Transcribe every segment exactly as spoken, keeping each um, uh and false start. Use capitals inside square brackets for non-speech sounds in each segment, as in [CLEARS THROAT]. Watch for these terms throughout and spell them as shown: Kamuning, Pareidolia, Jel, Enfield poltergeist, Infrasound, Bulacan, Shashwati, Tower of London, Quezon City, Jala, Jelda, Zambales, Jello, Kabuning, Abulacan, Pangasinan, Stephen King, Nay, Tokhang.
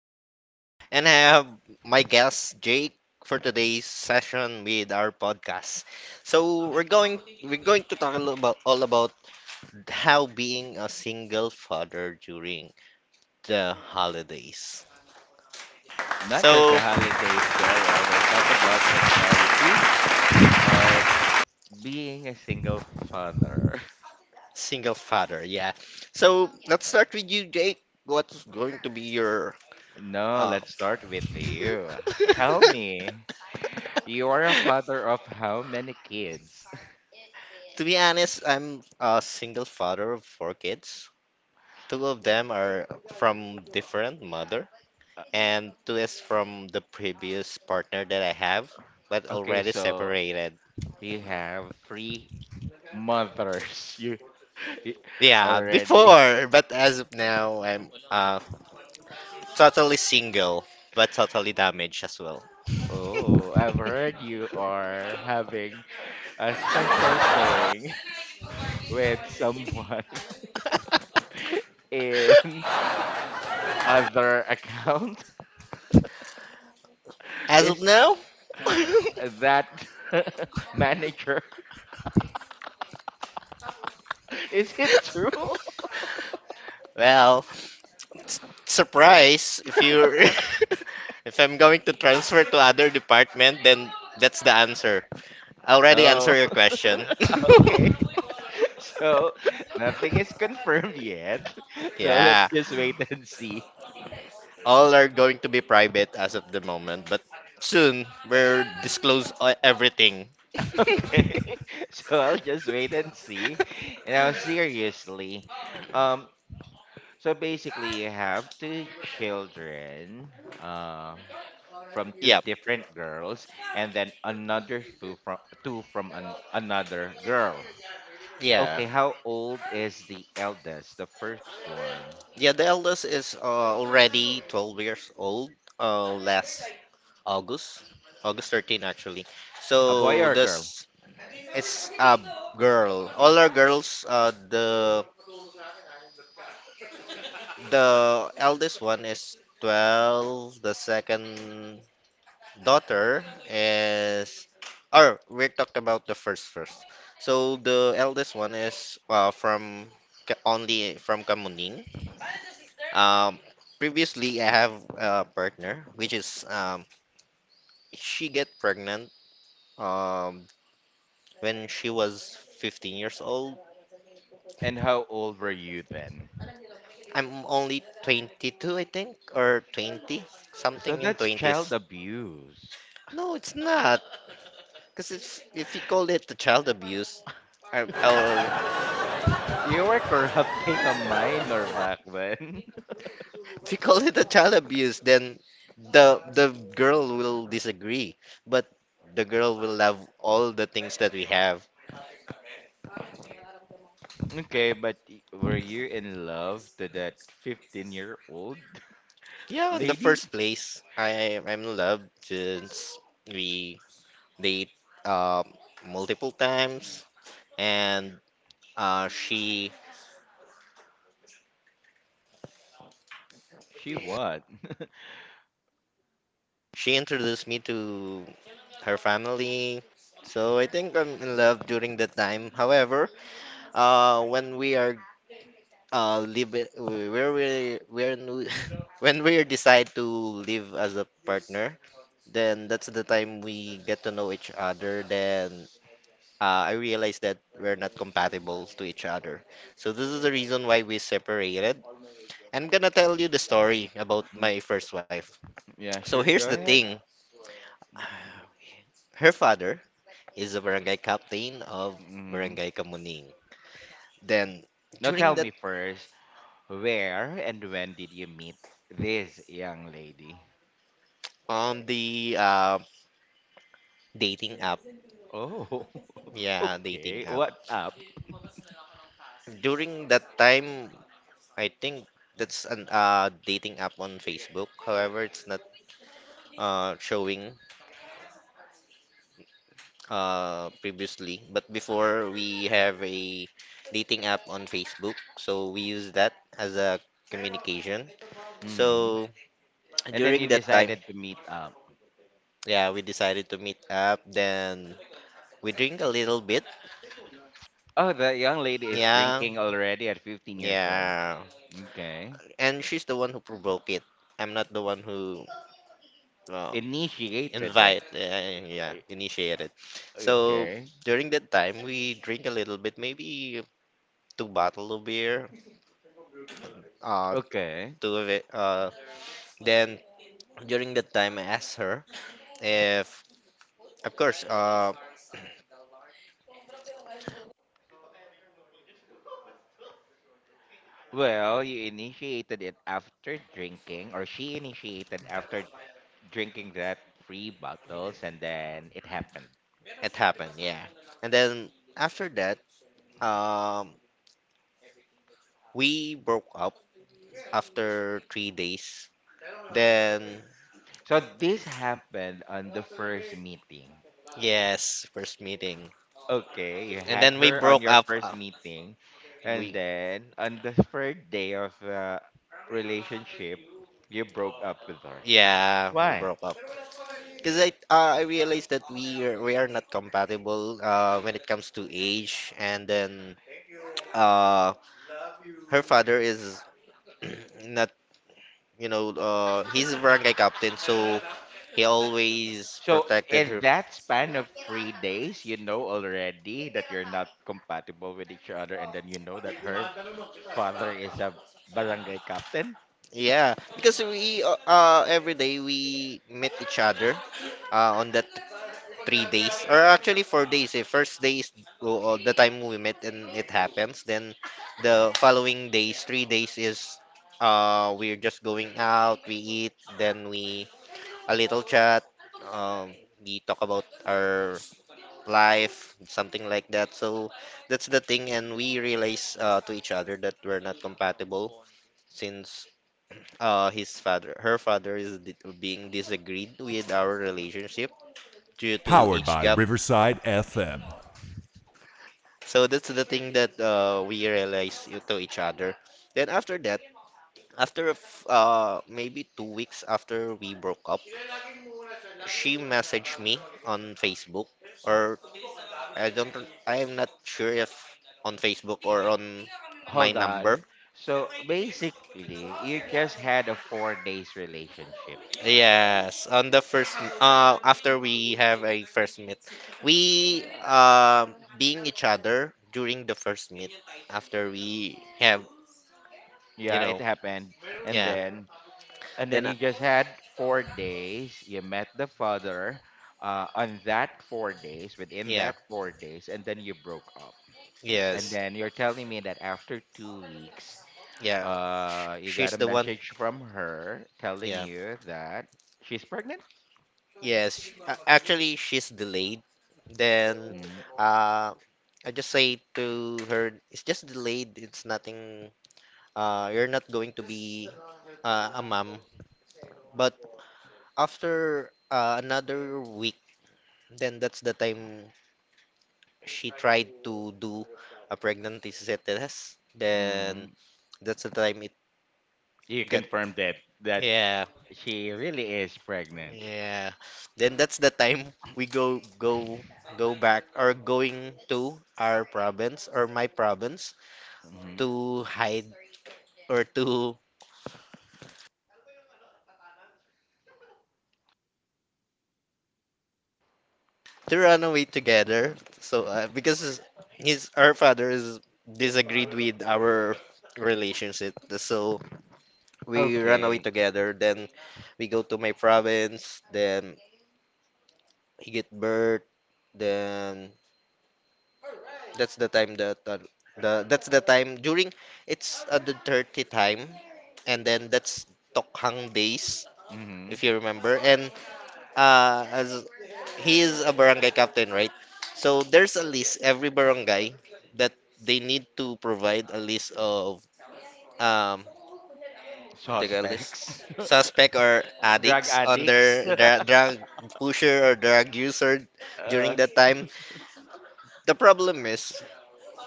is Jello, and I have my guest Jake for today's session with our podcast. So we're going we're going to talk a little about all about how being a single father during the holidays. Not just So the holidays, Jel. Uh, we'll talk about the entirety of being a single father. [LAUGHS] single father, yeah. So let's start with you, Jake. What's going to be your No, uh, [LAUGHS] let's start with you. Tell me, you are a father of how many kids? [LAUGHS] to be honest, I'm a single father of four kids. Two of them are from different mother, Uh, and two is from the previous partner that I have, but okay, already so separated. you have three mothers. [LAUGHS] You you Yeah, already. before, but as of now, I'm uh totally single, but totally damaged as well. [LAUGHS] Oh, I've [LAUGHS] heard you are having a special thing [LAUGHS] with someone [LAUGHS] in other account. As of Is now, [LAUGHS] that [LAUGHS] manager? [LAUGHS] Is it true? well, s- surprise, if you're [LAUGHS] if I'm going to transfer to other department, then that's the answer. I already Oh, answer your question. [LAUGHS] okay. [LAUGHS] So [LAUGHS] nothing is confirmed yet. [LAUGHS] So let's Yeah, just wait and see. all are going to be private as of the moment, but soon we'll disclose e- everything. [LAUGHS] [LAUGHS] Okay. [LAUGHS] So I'll just wait and see. Now, seriously, um, so basically, you have two children, uh, from two Yeah, different girls, and then another two from two from an, another girl. yeah, Okay, how old is the eldest, the first one? yeah. The eldest is uh, already twelve years old. Uh, last August, August thirteenth actually. A boy So or a girl? this is a girl. All are girls. Uh, the the eldest one is twelve. The second daughter is, or we talked about the first first. So the eldest one is uh, from Ka- only from Kamuning. Um, previously, I have a partner, which is um, she get pregnant um, when she was fifteen years old. And how old were you then? I'm only twenty-two, I think, or twenty, So something in that's child twenties. abuse. No, it's not, because if if you call it the child abuse, I, I'll You were [LAUGHS] corrupting a minor back then. If you call it a child abuse, then the the girl will disagree, but the girl will love all the things that we have. [LAUGHS] okay, but y- were you in love to that fifteen year old [LAUGHS] Yeah, in the lady? first place, I I'm loved since we date um multiple times, and uh, she She what? [LAUGHS] she introduced me to her family. So I think I'm in love during that time. However, uh, when we are uh live it- where we when we [LAUGHS] when we decide to live as a partner, then that's the time we get to know each other. Then uh, I realized that we're not compatible to each other, so this is the reason why we separated. I'm gonna tell you the story about Mm, my first wife. yeah, So sure, here's go the ahead. thing, her father is a barangay captain of Hmm. barangay Kamuning. Then Now tell during that me first, where and when did you meet this young lady? On the uh, dating app. Oh, [LAUGHS] Yeah, dating okay. app. What up? During that time, I think that's an uh, dating app on Facebook. However, it's not uh, showing uh, previously. But before, we have a dating app on Facebook, so we use that as a communication. Mm. So And then you during that time, decided to meet up. yeah, we decided to meet up. Then we drink a little bit. Oh, the young lady is Yeah, drinking already at fifteen years old. yeah. Okay. And she's the one who provoked it. I'm not the one who uh, Initiated it. invite uh, yeah, Ay- initiate it. So Okay. during that time, we drink a little bit, maybe two bottle of beer, uh Okay. two of it uh then during that time I asked her if, of course, uh Well, you initiated it after drinking, or she initiated after drinking that free bottles, and then it happened. it happened, yeah. And then after that, um we broke up after three days. Then So this happened on the first meeting. yes, first meeting. Okay, you And had then we her on broke your up, first uh, meeting, and we then on the third day of the relationship, you broke up with her. yeah, we Why? broke up. Because I uh, I realized that we are, we are not compatible uh, when it comes to age, and then uh, her father is [CLEARS THROAT] not, you know, uh, he's a barangay captain, so he always So protected in her. that span of three days, you know already that you're not compatible with each other, and then you know that her father is a barangay captain. Yeah, because we uh, uh, every day we meet each other uh, on the. Three days or actually four days. Eh. First day is oh, oh, the time we met and it happens. Then the following days, three days, is uh we're just going out, we eat, then we a little chat. Um, we talk about our life, something like that. So that's the thing, and we realize uh, to each other that we're not compatible since uh his father, her father is di- being disagreed with our relationship due to age gap. So that's the thing that uh, we realized to each other. Then after that, after a f- uh, maybe two weeks after we broke up, she messaged me on Facebook, or I don't, I am not sure if on Facebook or on my Hold on. number. So basically, you just had a four days relationship. Yes, on the first, uh, after we have a first meet, we um being each other during the first meet. After we have, you Yeah, it know, happened, and yeah. then and then Then, uh, you just had four days. You met the father uh, on that four days, within yeah, that four days, and then you broke up. And yes. then you're telling me that after two weeks, Yeah, sh- uh, you got she's a the one. message from her telling Yeah, you that she's pregnant. yes. sh- a- Actually, she's delayed. Then, Mm. uh, I just say to her, it's just delayed. It's nothing. Uh, you're not going to be uh, a mom. But after uh, another week, then that's the time she tried to do a pregnancy test. Then Mm. that's the time it You get. confirmed that that Yeah, she really is pregnant. yeah. Then that's the time we go go go back or going to our province or my province Hmm. to hide or to to run away together. So uh, because his his- our father is disagreed with our relationship. So we run away Okay. together. Then we go to my province. Then he get birth. Then that's the time that uh, the that's the time during it's uh, the dirty time, and then that's Tokhang days, Hmm. if you remember. And uh, as he is a barangay captain, right? So there's a list every barangay that they need to provide a list of um what they call list Suspects, [LAUGHS] suspect or drug addicts addicts. under dra- [LAUGHS] drug pusher or drug user during uh, that time. The problem is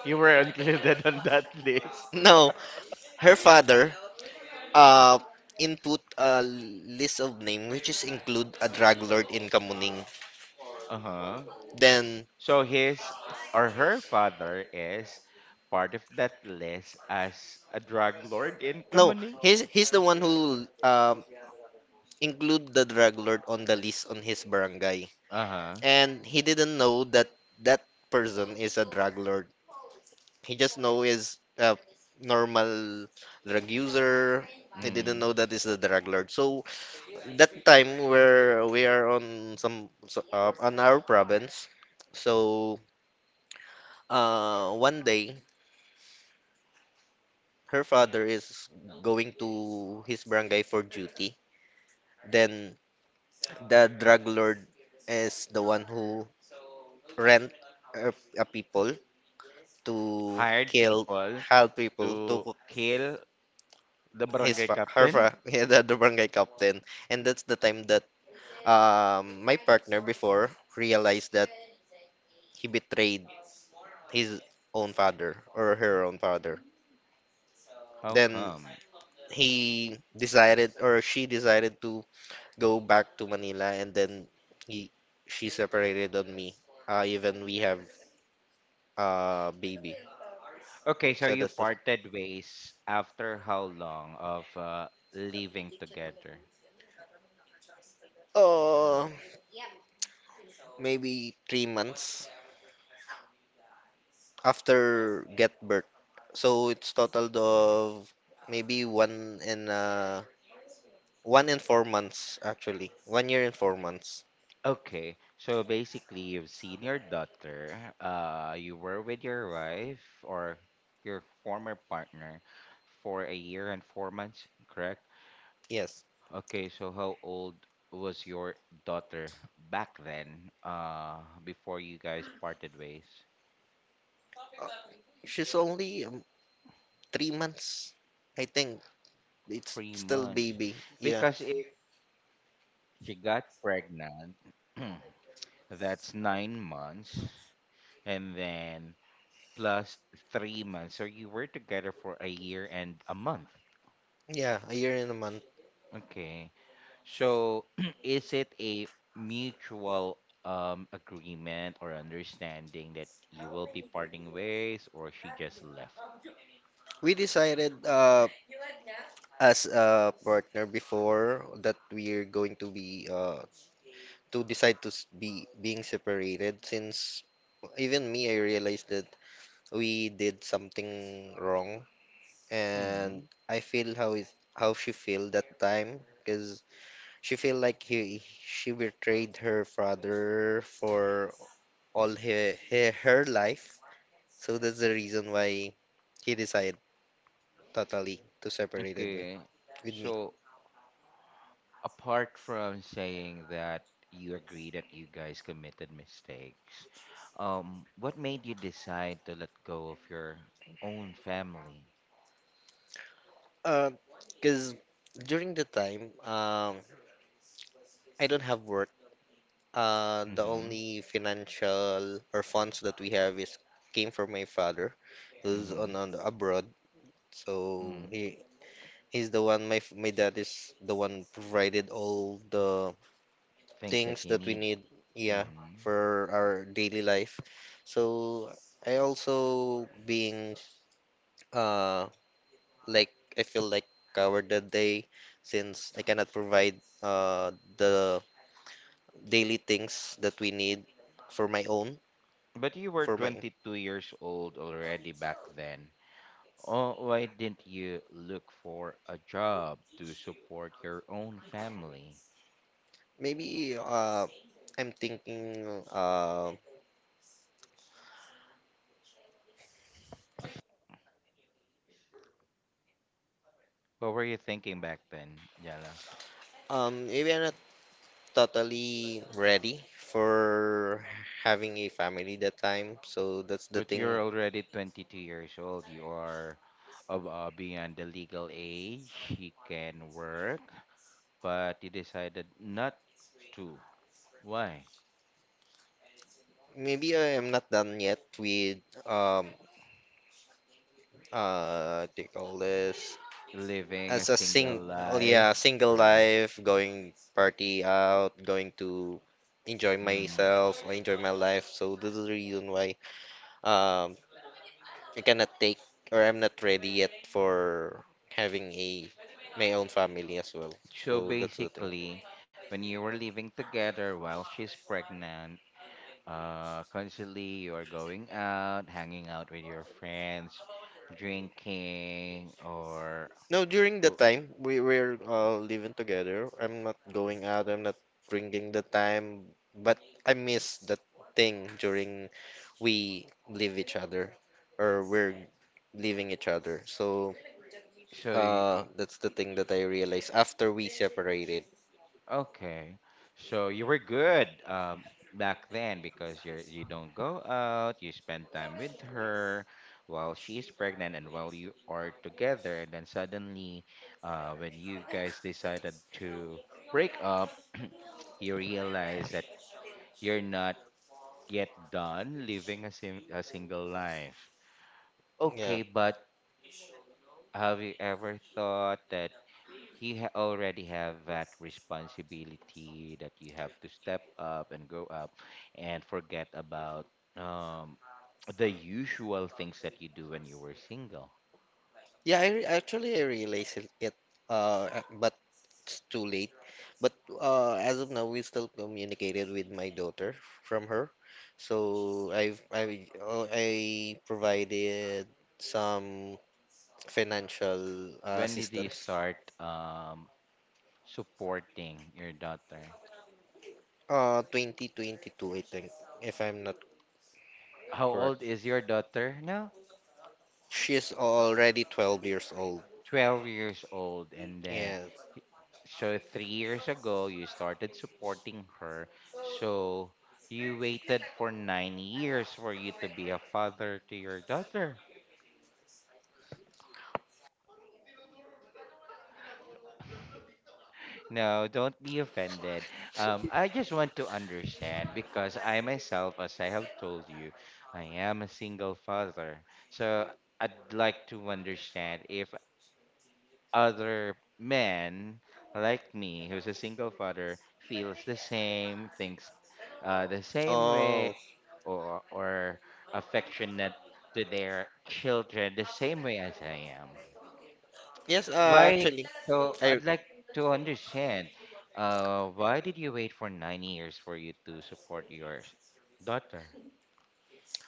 You were [LAUGHS] included on that list. [LAUGHS] no, her father uh input a list of name which is include a drug lord in Kamuning. Uh-huh. Then So his or her father is part of that list as a drug lord in no, Kamuning. he's he's the one who um include the drug lord on the list on his barangay. Uh-huh. And he didn't know that that person is a drug lord. He just know is a normal drug user. He didn't Mm. know that is the drug lord. So that time where we are on some so- uh, on our province. So uh, one day her father is going to his barangay for duty. Then the drug lord is the one who rent a, a people to Hired kill people hal people to to kill the his barangay fa- her captain. fa- [LAUGHS] yeah, the, the barangay captain. And that's the time that um my partner before realized that he betrayed his own father or her own father. How Then come? he decided or she decided to go back to Manila, and then he she separated on me. Uh, even we have a baby. Okay, so So you that's the, parted ways after how long of uh, living together? oh, maybe three months after get birth. So it's total of maybe one and uh one and four months actually. One year and four months. Okay, so basically, you've seen your daughter, uh, you were with your wife or your former partner for a year and four months, correct? Yes. Okay, so how old was your daughter back then, uh, before you guys parted ways? Uh, she's only um, three months. I think it's Three still months. baby. Yeah. Because if she got pregnant, [CLEARS THROAT] that's nine months, and then plus three months. So you were together for a year and a month. Yeah, a year and a month. Okay. So, [CLEARS THROAT] is it a mutual um agreement or understanding that you will be parting ways or she just left? We decided uh as a partner before that we're going to be uh to decide to s- be being separated since even me, I realized that we did something wrong, and Hmm. I feel how is how she feel that time because she feel like he she betrayed her father for all her, her her life. So that's the reason why he decided totally to separated me Okay. with me. So, apart from saying that you agree that you guys committed mistakes, um, what made you decide to let go of your own family? Because during the time, um, I don't have work. Uh, the Mm-hmm. only financial or funds that we have is came from my father, who's Mm-hmm. on, on the abroad. So Mm-hmm. he he's the one. My f- my dad is the one provided all the Things that things you that we need. need. Yeah, Mm-hmm. for our daily life. So I also being uh like I feel like coward that day since I cannot provide uh the daily things that we need for my own, But you were for my twenty-two years old already back then. Oh, why didn't you look for a job to support your own family? maybe uh I'm thinking uh What were you thinking back then, Jala? um maybe I'm not totally ready for having a family that time, so that's the But you're thing. already twenty-two years old. You are of, uh, beyond the legal age. You can work, but you decided not to. Why? Maybe I am not done yet with um uh what do you call this. Living a As a single sing, oh yeah, life, single right? life, going party out, going to enjoy Hmm. myself, or enjoy my life. So this is the reason why um I cannot take or I'm not ready yet for having a my own family as well. So So that's the thing. basically, when you were living together while she's pregnant, uh, constantly you are going out, hanging out with your friends, drinking, or Now during the who- time we were uh, living together, I'm not going out, I'm not drinking the time, but I miss that thing during we leave each other or we're leaving each other. So so. uh, that's the thing that I realized after we separated. Okay. So you were good um, back then, because you're you don't go out, you spend time with her while she's pregnant and while you are together, and then suddenly uh, when you guys decided to break up, [CLEARS THROAT] you realize that you're not yet done living a, sim- a single life. Yeah, Okay, but have you ever thought that he ha- already have that responsibility, that you have to step up and grow up and forget about um, the usual things that you do when you were single. yeah. I re- actually, I realized it, it uh, uh, but it's too late. But uh, as of now, we still communicated with my daughter from her. So I've I uh, I provided some financial uh, When did you assistance. start um, supporting your daughter? Uh, twenty twenty-two, I think, if I'm not How old correct. is your daughter now? She's already twelve years old. twelve years old, and then Yes. y- so three years ago you started supporting her. So you waited for nine years for you to be a father to your daughter. No, don't be offended. Um i just want to understand, because I myself, as I have told you, I am a single father. So I'd like to understand if other men like me, who's a single father, feels the same, thinks uh, the same way, Oh, or, or affectionate to their children the same way as I am. yes, uh, Why? actually, So I I'd like to understand. Uh, why did you wait for nine years for you to support your s- daughter?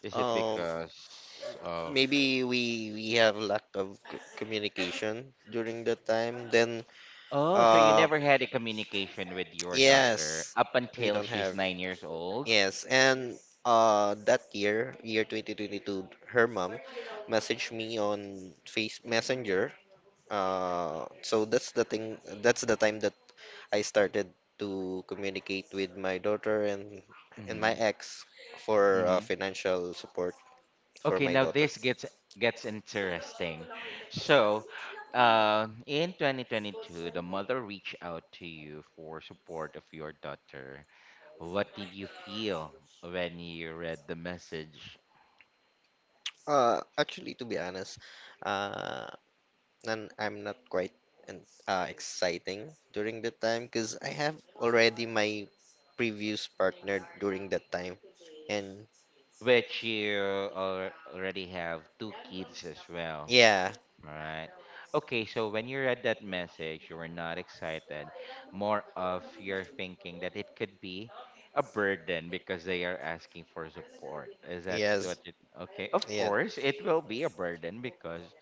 Is it um because of? maybe we we have lack of c- communication during that time. Then Oh, so you uh never [TSK] had a communication with your daughter yes, up we until don't she's have. nine years old? Yes, and uh that year, year twenty twenty-two, her mom messaged me on Face Messenger. Uh, so that's the thing. That's the time I started to communicate with my daughter and and Mm-hmm. my ex for uh, Mm-hmm. financial support for Okay, my now daughter. this gets gets interesting. So, uh, in twenty twenty-two, the mother reached out to you for support of your daughter. What did you feel when you read the message? Uh, actually, to be honest, uh, and I'm not quite an, uh, exciting during that time because I have already my previous partner during that time, and Which you al- already have two kids as well. yeah, All right. Okay, so when you read that message, you were not excited. More of you're thinking that it could be a burden because they are asking for support. Is that yes, what it, okay? Of yeah. course, it will be a burden because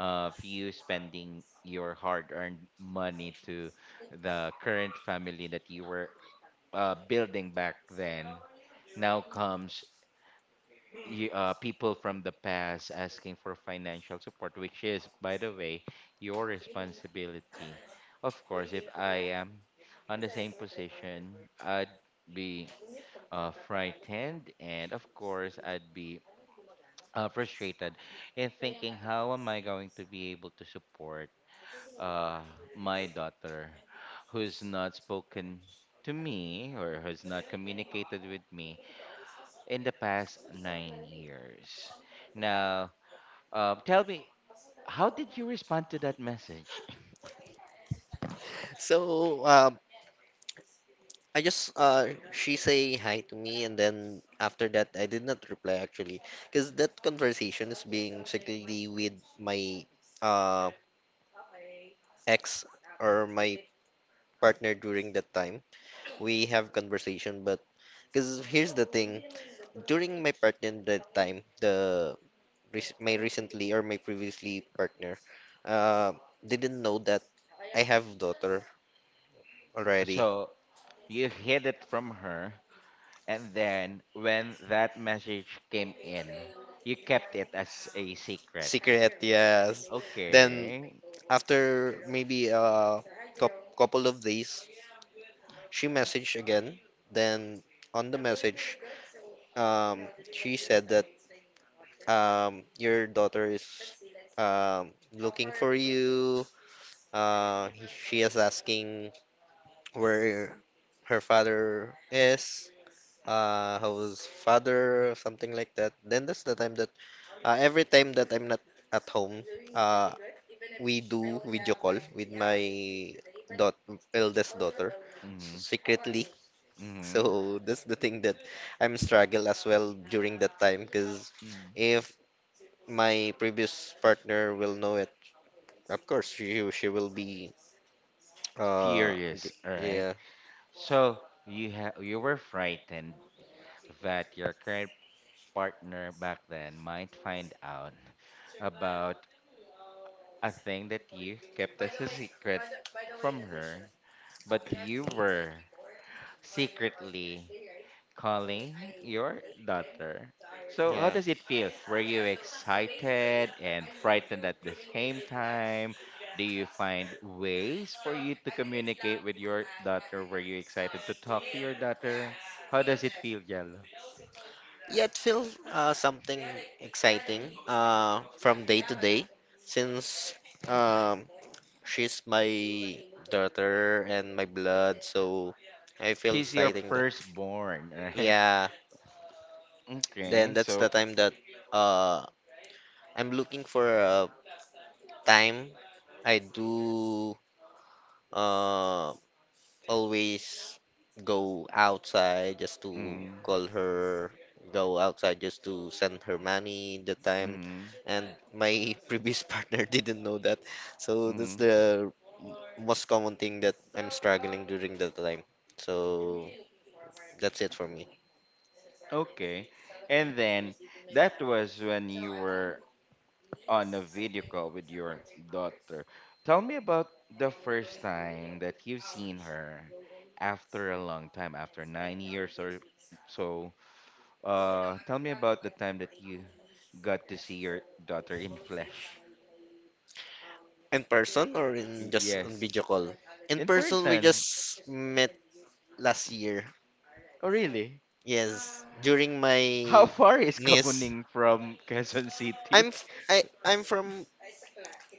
of you spending your hard-earned money to the current family that you were uh, building back then. Now comes you, uh, people from the past asking for financial support, which is, by the way, your responsibility. Of course, if I am on the same position, I'd be uh, frightened, and of course, I'd be uh, frustrated in thinking, how am I going to be able to support uh, my daughter, who's not spoken to me or who's not communicated with me in the past nine years? Now, um, tell me, how did you respond to that message? [LAUGHS] So uh, I just uh she say hi to me, and then after that I did not reply actually, because that conversation is being secretly with my uh ex or my partner during that time. We have conversation, but because here's the thing, during my partner that time the rec- my recently or my previously partner uh didn't know that I have daughter already. So you hid it from her, and then when that message came in, you kept it as a secret. Secret, yes. Then Okay. after maybe a cou- couple of days, she messaged again. Then on the message, um, she said that um, your daughter is, um, looking for you. Uh, he- she is asking where her father is, uh, how his father, or something like that. Then that's the time that, uh, every time that I'm not at home, uh, we do video call with my dot eldest daughter s- Mhm. secretly. [LAUGHS] Mhm. So that's the thing that I'm struggle as well during that time, because Mhm. if my previous partner will know it, of course she she will be uh g- Furious. All right. yeah. So you ha- you were frightened that your current partner back then might find out about a thing that you kept as a secret from her, but you were secretly calling your daughter. So, how Yeah, does it feel? Were you excited and frightened at the same time? Do you find ways for you to communicate with your daughter? Were you excited to talk to your daughter? How does it feel, Jello? yeah, it feels uh, something exciting uh from day to day, since um she's my daughter and my blood, so I feel She's your exciting that. firstborn, [LAUGHS] right? Yeah. Then Okay, that's the so, time that, uh, I'm looking for a time. I do, uh, always go outside just to mm, call her, go outside just to send her money the time. mm, And my [LAUGHS] previous partner didn't know that. So that's mm, the most common thing that I'm struggling during that time. So that's it for me. okay. And then that was when you were on a video call with your daughter. Tell me about the first time that you've seen her after a long time, after nine years or so. Uh, tell me about the time that you got to see your daughter in flesh. In person or in Y- just on Yes, video call? In in person, we person. just met last year. Oh, really? Yes, during [LAUGHS] How my far is niece, Kabuning from Quezon I'm City? f- I I'm from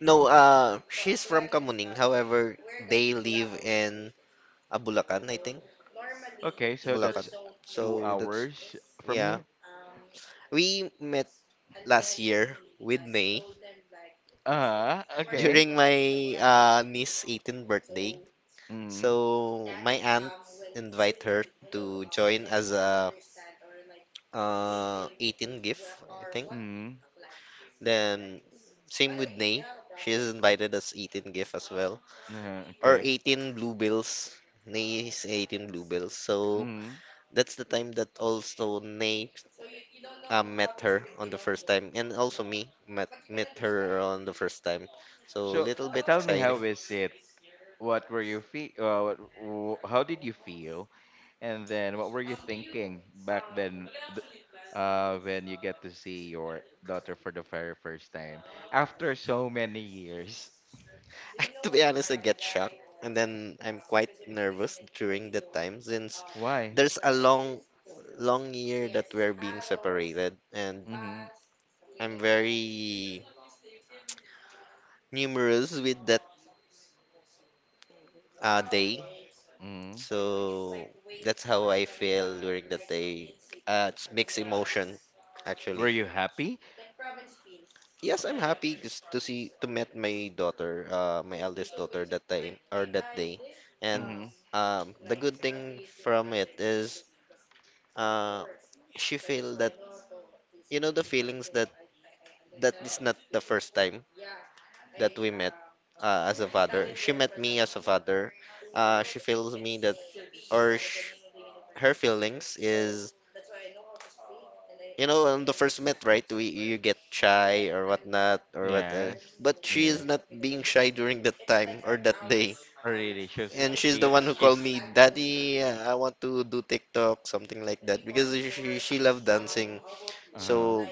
no, uh she's from Kamuning. However, they live in Abulacan, I think. Okay, so Bulacan. that's two So that's, hours from yeah. here. We met last year with May. Ah, [LAUGHS] okay. During my uh, niece's eighteenth birthday. Mm. So my aunt invite her to join as a uh eighteen gift, I think. Mm. Then same with Nay. She has invited us eighteen gift as well. Uh, Or okay. eighteen bluebells. Nay is eighteen bluebells. So that's the time that also Nay, uh, met her on the first time, and also me met met her on the first time, so a So little uh, bit tell me, how exciting. is it? What were you feel? Uh, what, w- how did you feel? And then what were you thinking back then? th- Uh, when you get to see your daughter for the very first time after so many years, [LAUGHS] To be honest, I get shocked, and then I'm quite nervous during that time, since why? there's a long long year that we're being separated and Mm-hmm. I'm very numerous with that, uh, day. Mm-hmm. So that's how I feel during that day. Uh, it's mixed emotion, Were actually. you happy? Yes, I'm happy just to see, to meet my daughter, uh, my eldest daughter that time or that day. And Mm-hmm. um, the good thing from it is, uh, she feel that, you know, the feelings that, that is not the first time that we met, uh, as a father. She met me as a father. Uh, she feels me that, or sh, her feelings is, you know, on the first met, right? We, you get shy or whatnot or what, uh, Yes. but she is Yes. not being shy during that time or that day. Oh, really? She was, And she's the she one who called she's me, Daddy, uh, I want to do TikTok, something like that, because she she loved dancing. uh-huh. So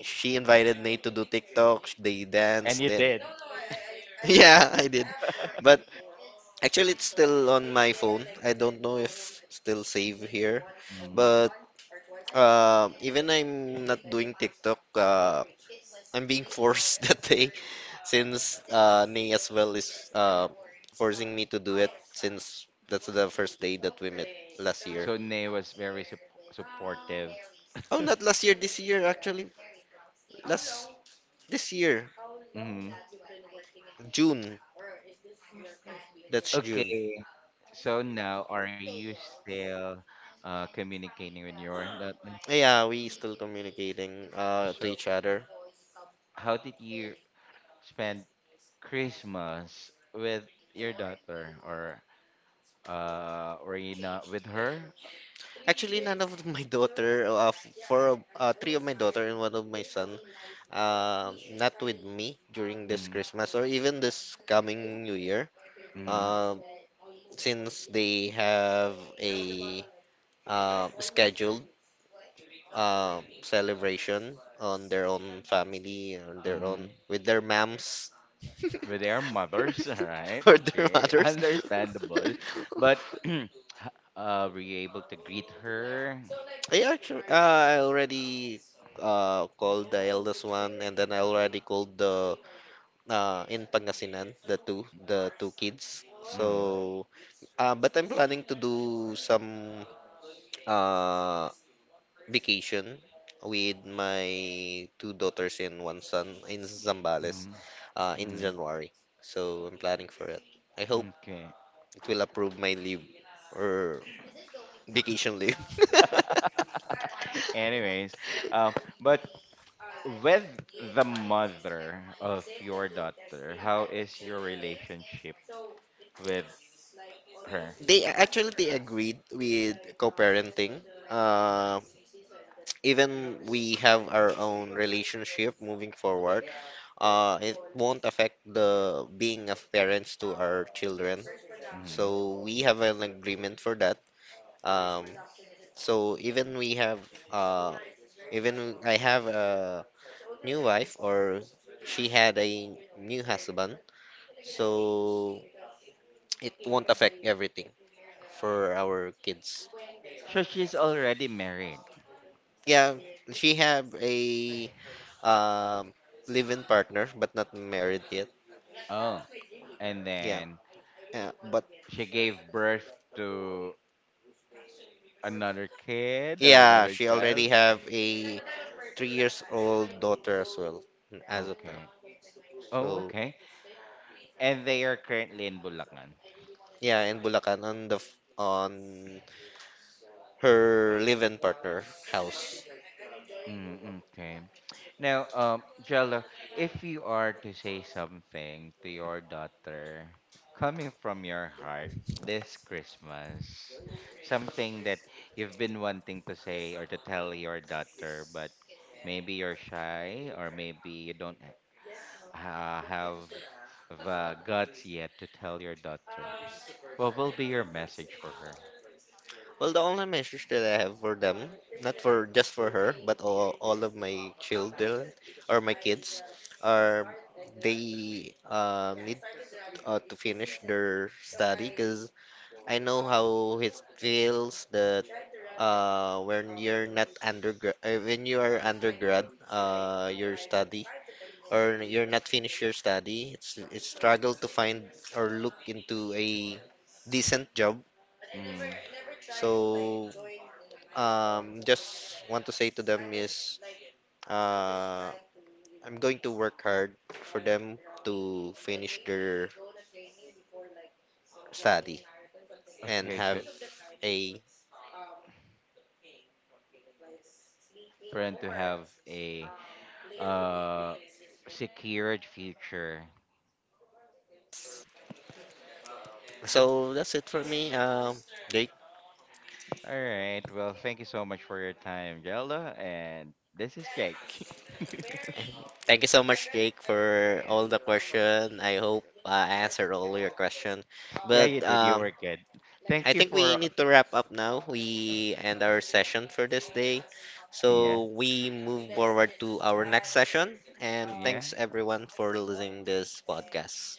she invited me to do TikTok. They And danced. you Then did. [LAUGHS] yeah, I did. But actually, it's still on my phone. I don't know if still save here. Mm-hmm. But uh, even I'm not doing TikTok. Uh, I'm being forced [LAUGHS] that day, since uh, Nay as well is uh, forcing me to do it, since that's the first day that we met last year. So Nay was very sup supportive. Oh, not last year. This year actually. Last. This year, Mm-hmm. June. That's June. Okay. So now, are you still uh, communicating with your that? Like, Yeah, we still communicating uh to so each other. how did you spend Christmas with your daughter, or uh, were you not with her? Actually, none of [LAUGHS] my daughter, uh, f- four, of- uh, three of my daughter and one of my son, uh, not with me during this Mm, Christmas or even this coming New Year. mm, Uh, since they have a uh scheduled, um, celebration on their own family, on their own mm. with their mams [LAUGHS] With their mothers, [LAUGHS] right? or their Okay, [LAUGHS] mothers. understandable. But [CLEARS THROAT] [LAUGHS] h- uh, were you able to greet her? Yeah, sure. Uh, I already uh called the eldest one, and then I already called the uh in Pangasinan the two the two kids. Mm, So, uh, but I'm planning to do some uh vacation with my two daughters and one son in Zambales, mm, uh, in mm. January. So I'm planning for it. I hope Okay. it will approve my leave or vacation leave. [LAUGHS] [LAUGHS] Anyways, um, but with the mother of your daughter, how is your relationship with her? They actually they agreed with co-parenting. Uh, even we have our own relationship moving forward. Uh, it won't affect the being of parents to our children. Mm-hmm. So we have an agreement for that. Um, so even we have, uh, even I have a new wife or she had a new husband, so it won't affect everything for our kids. So she's already married. Yeah, she have a, um, live-in partner but not married yet. Oh, and Yeah, then yeah, but she gave birth to another kid or yeah, another she child. already have a three years old daughter as well as of now. Okay. Oh, So okay. And they are currently in Bulacan. yeah, in Bulacan on the f- on her live-in partner house. Mm, okay. Now, um, Jello, if you are to say something to your daughter coming from your heart this Christmas, something that you've been wanting to say or to tell your daughter, but maybe you're shy or maybe you don't uh have the guts yet to tell your daughter, what will be your message for her? Well, the only message that I have for them, not for just for her, but all, all of my children or my kids, are they uh, need uh, to finish their study, because I know how it feels that, uh, when you're not undergrad, uh, when you are undergrad, uh, your study or you're not finished your study, it's it's struggle to find or look into a decent job. Mm, So um, just want to say to them is, uh, I'm going to work hard for them to finish their study and okay, so have a. for them to have a uh secured future. So that's it for me, um, Jake. All right. Well, thank you so much for your time, Jelda, and this is Jake. Thank you so much, Jake, for all the question. I hope I answered all your question. [LAUGHS] yeah, But you did. You um, were good. I Thank you think we for, need to wrap up now. We end our session for this day. yeah, So we move forward to our next session. And yeah. thanks everyone for listening this podcast.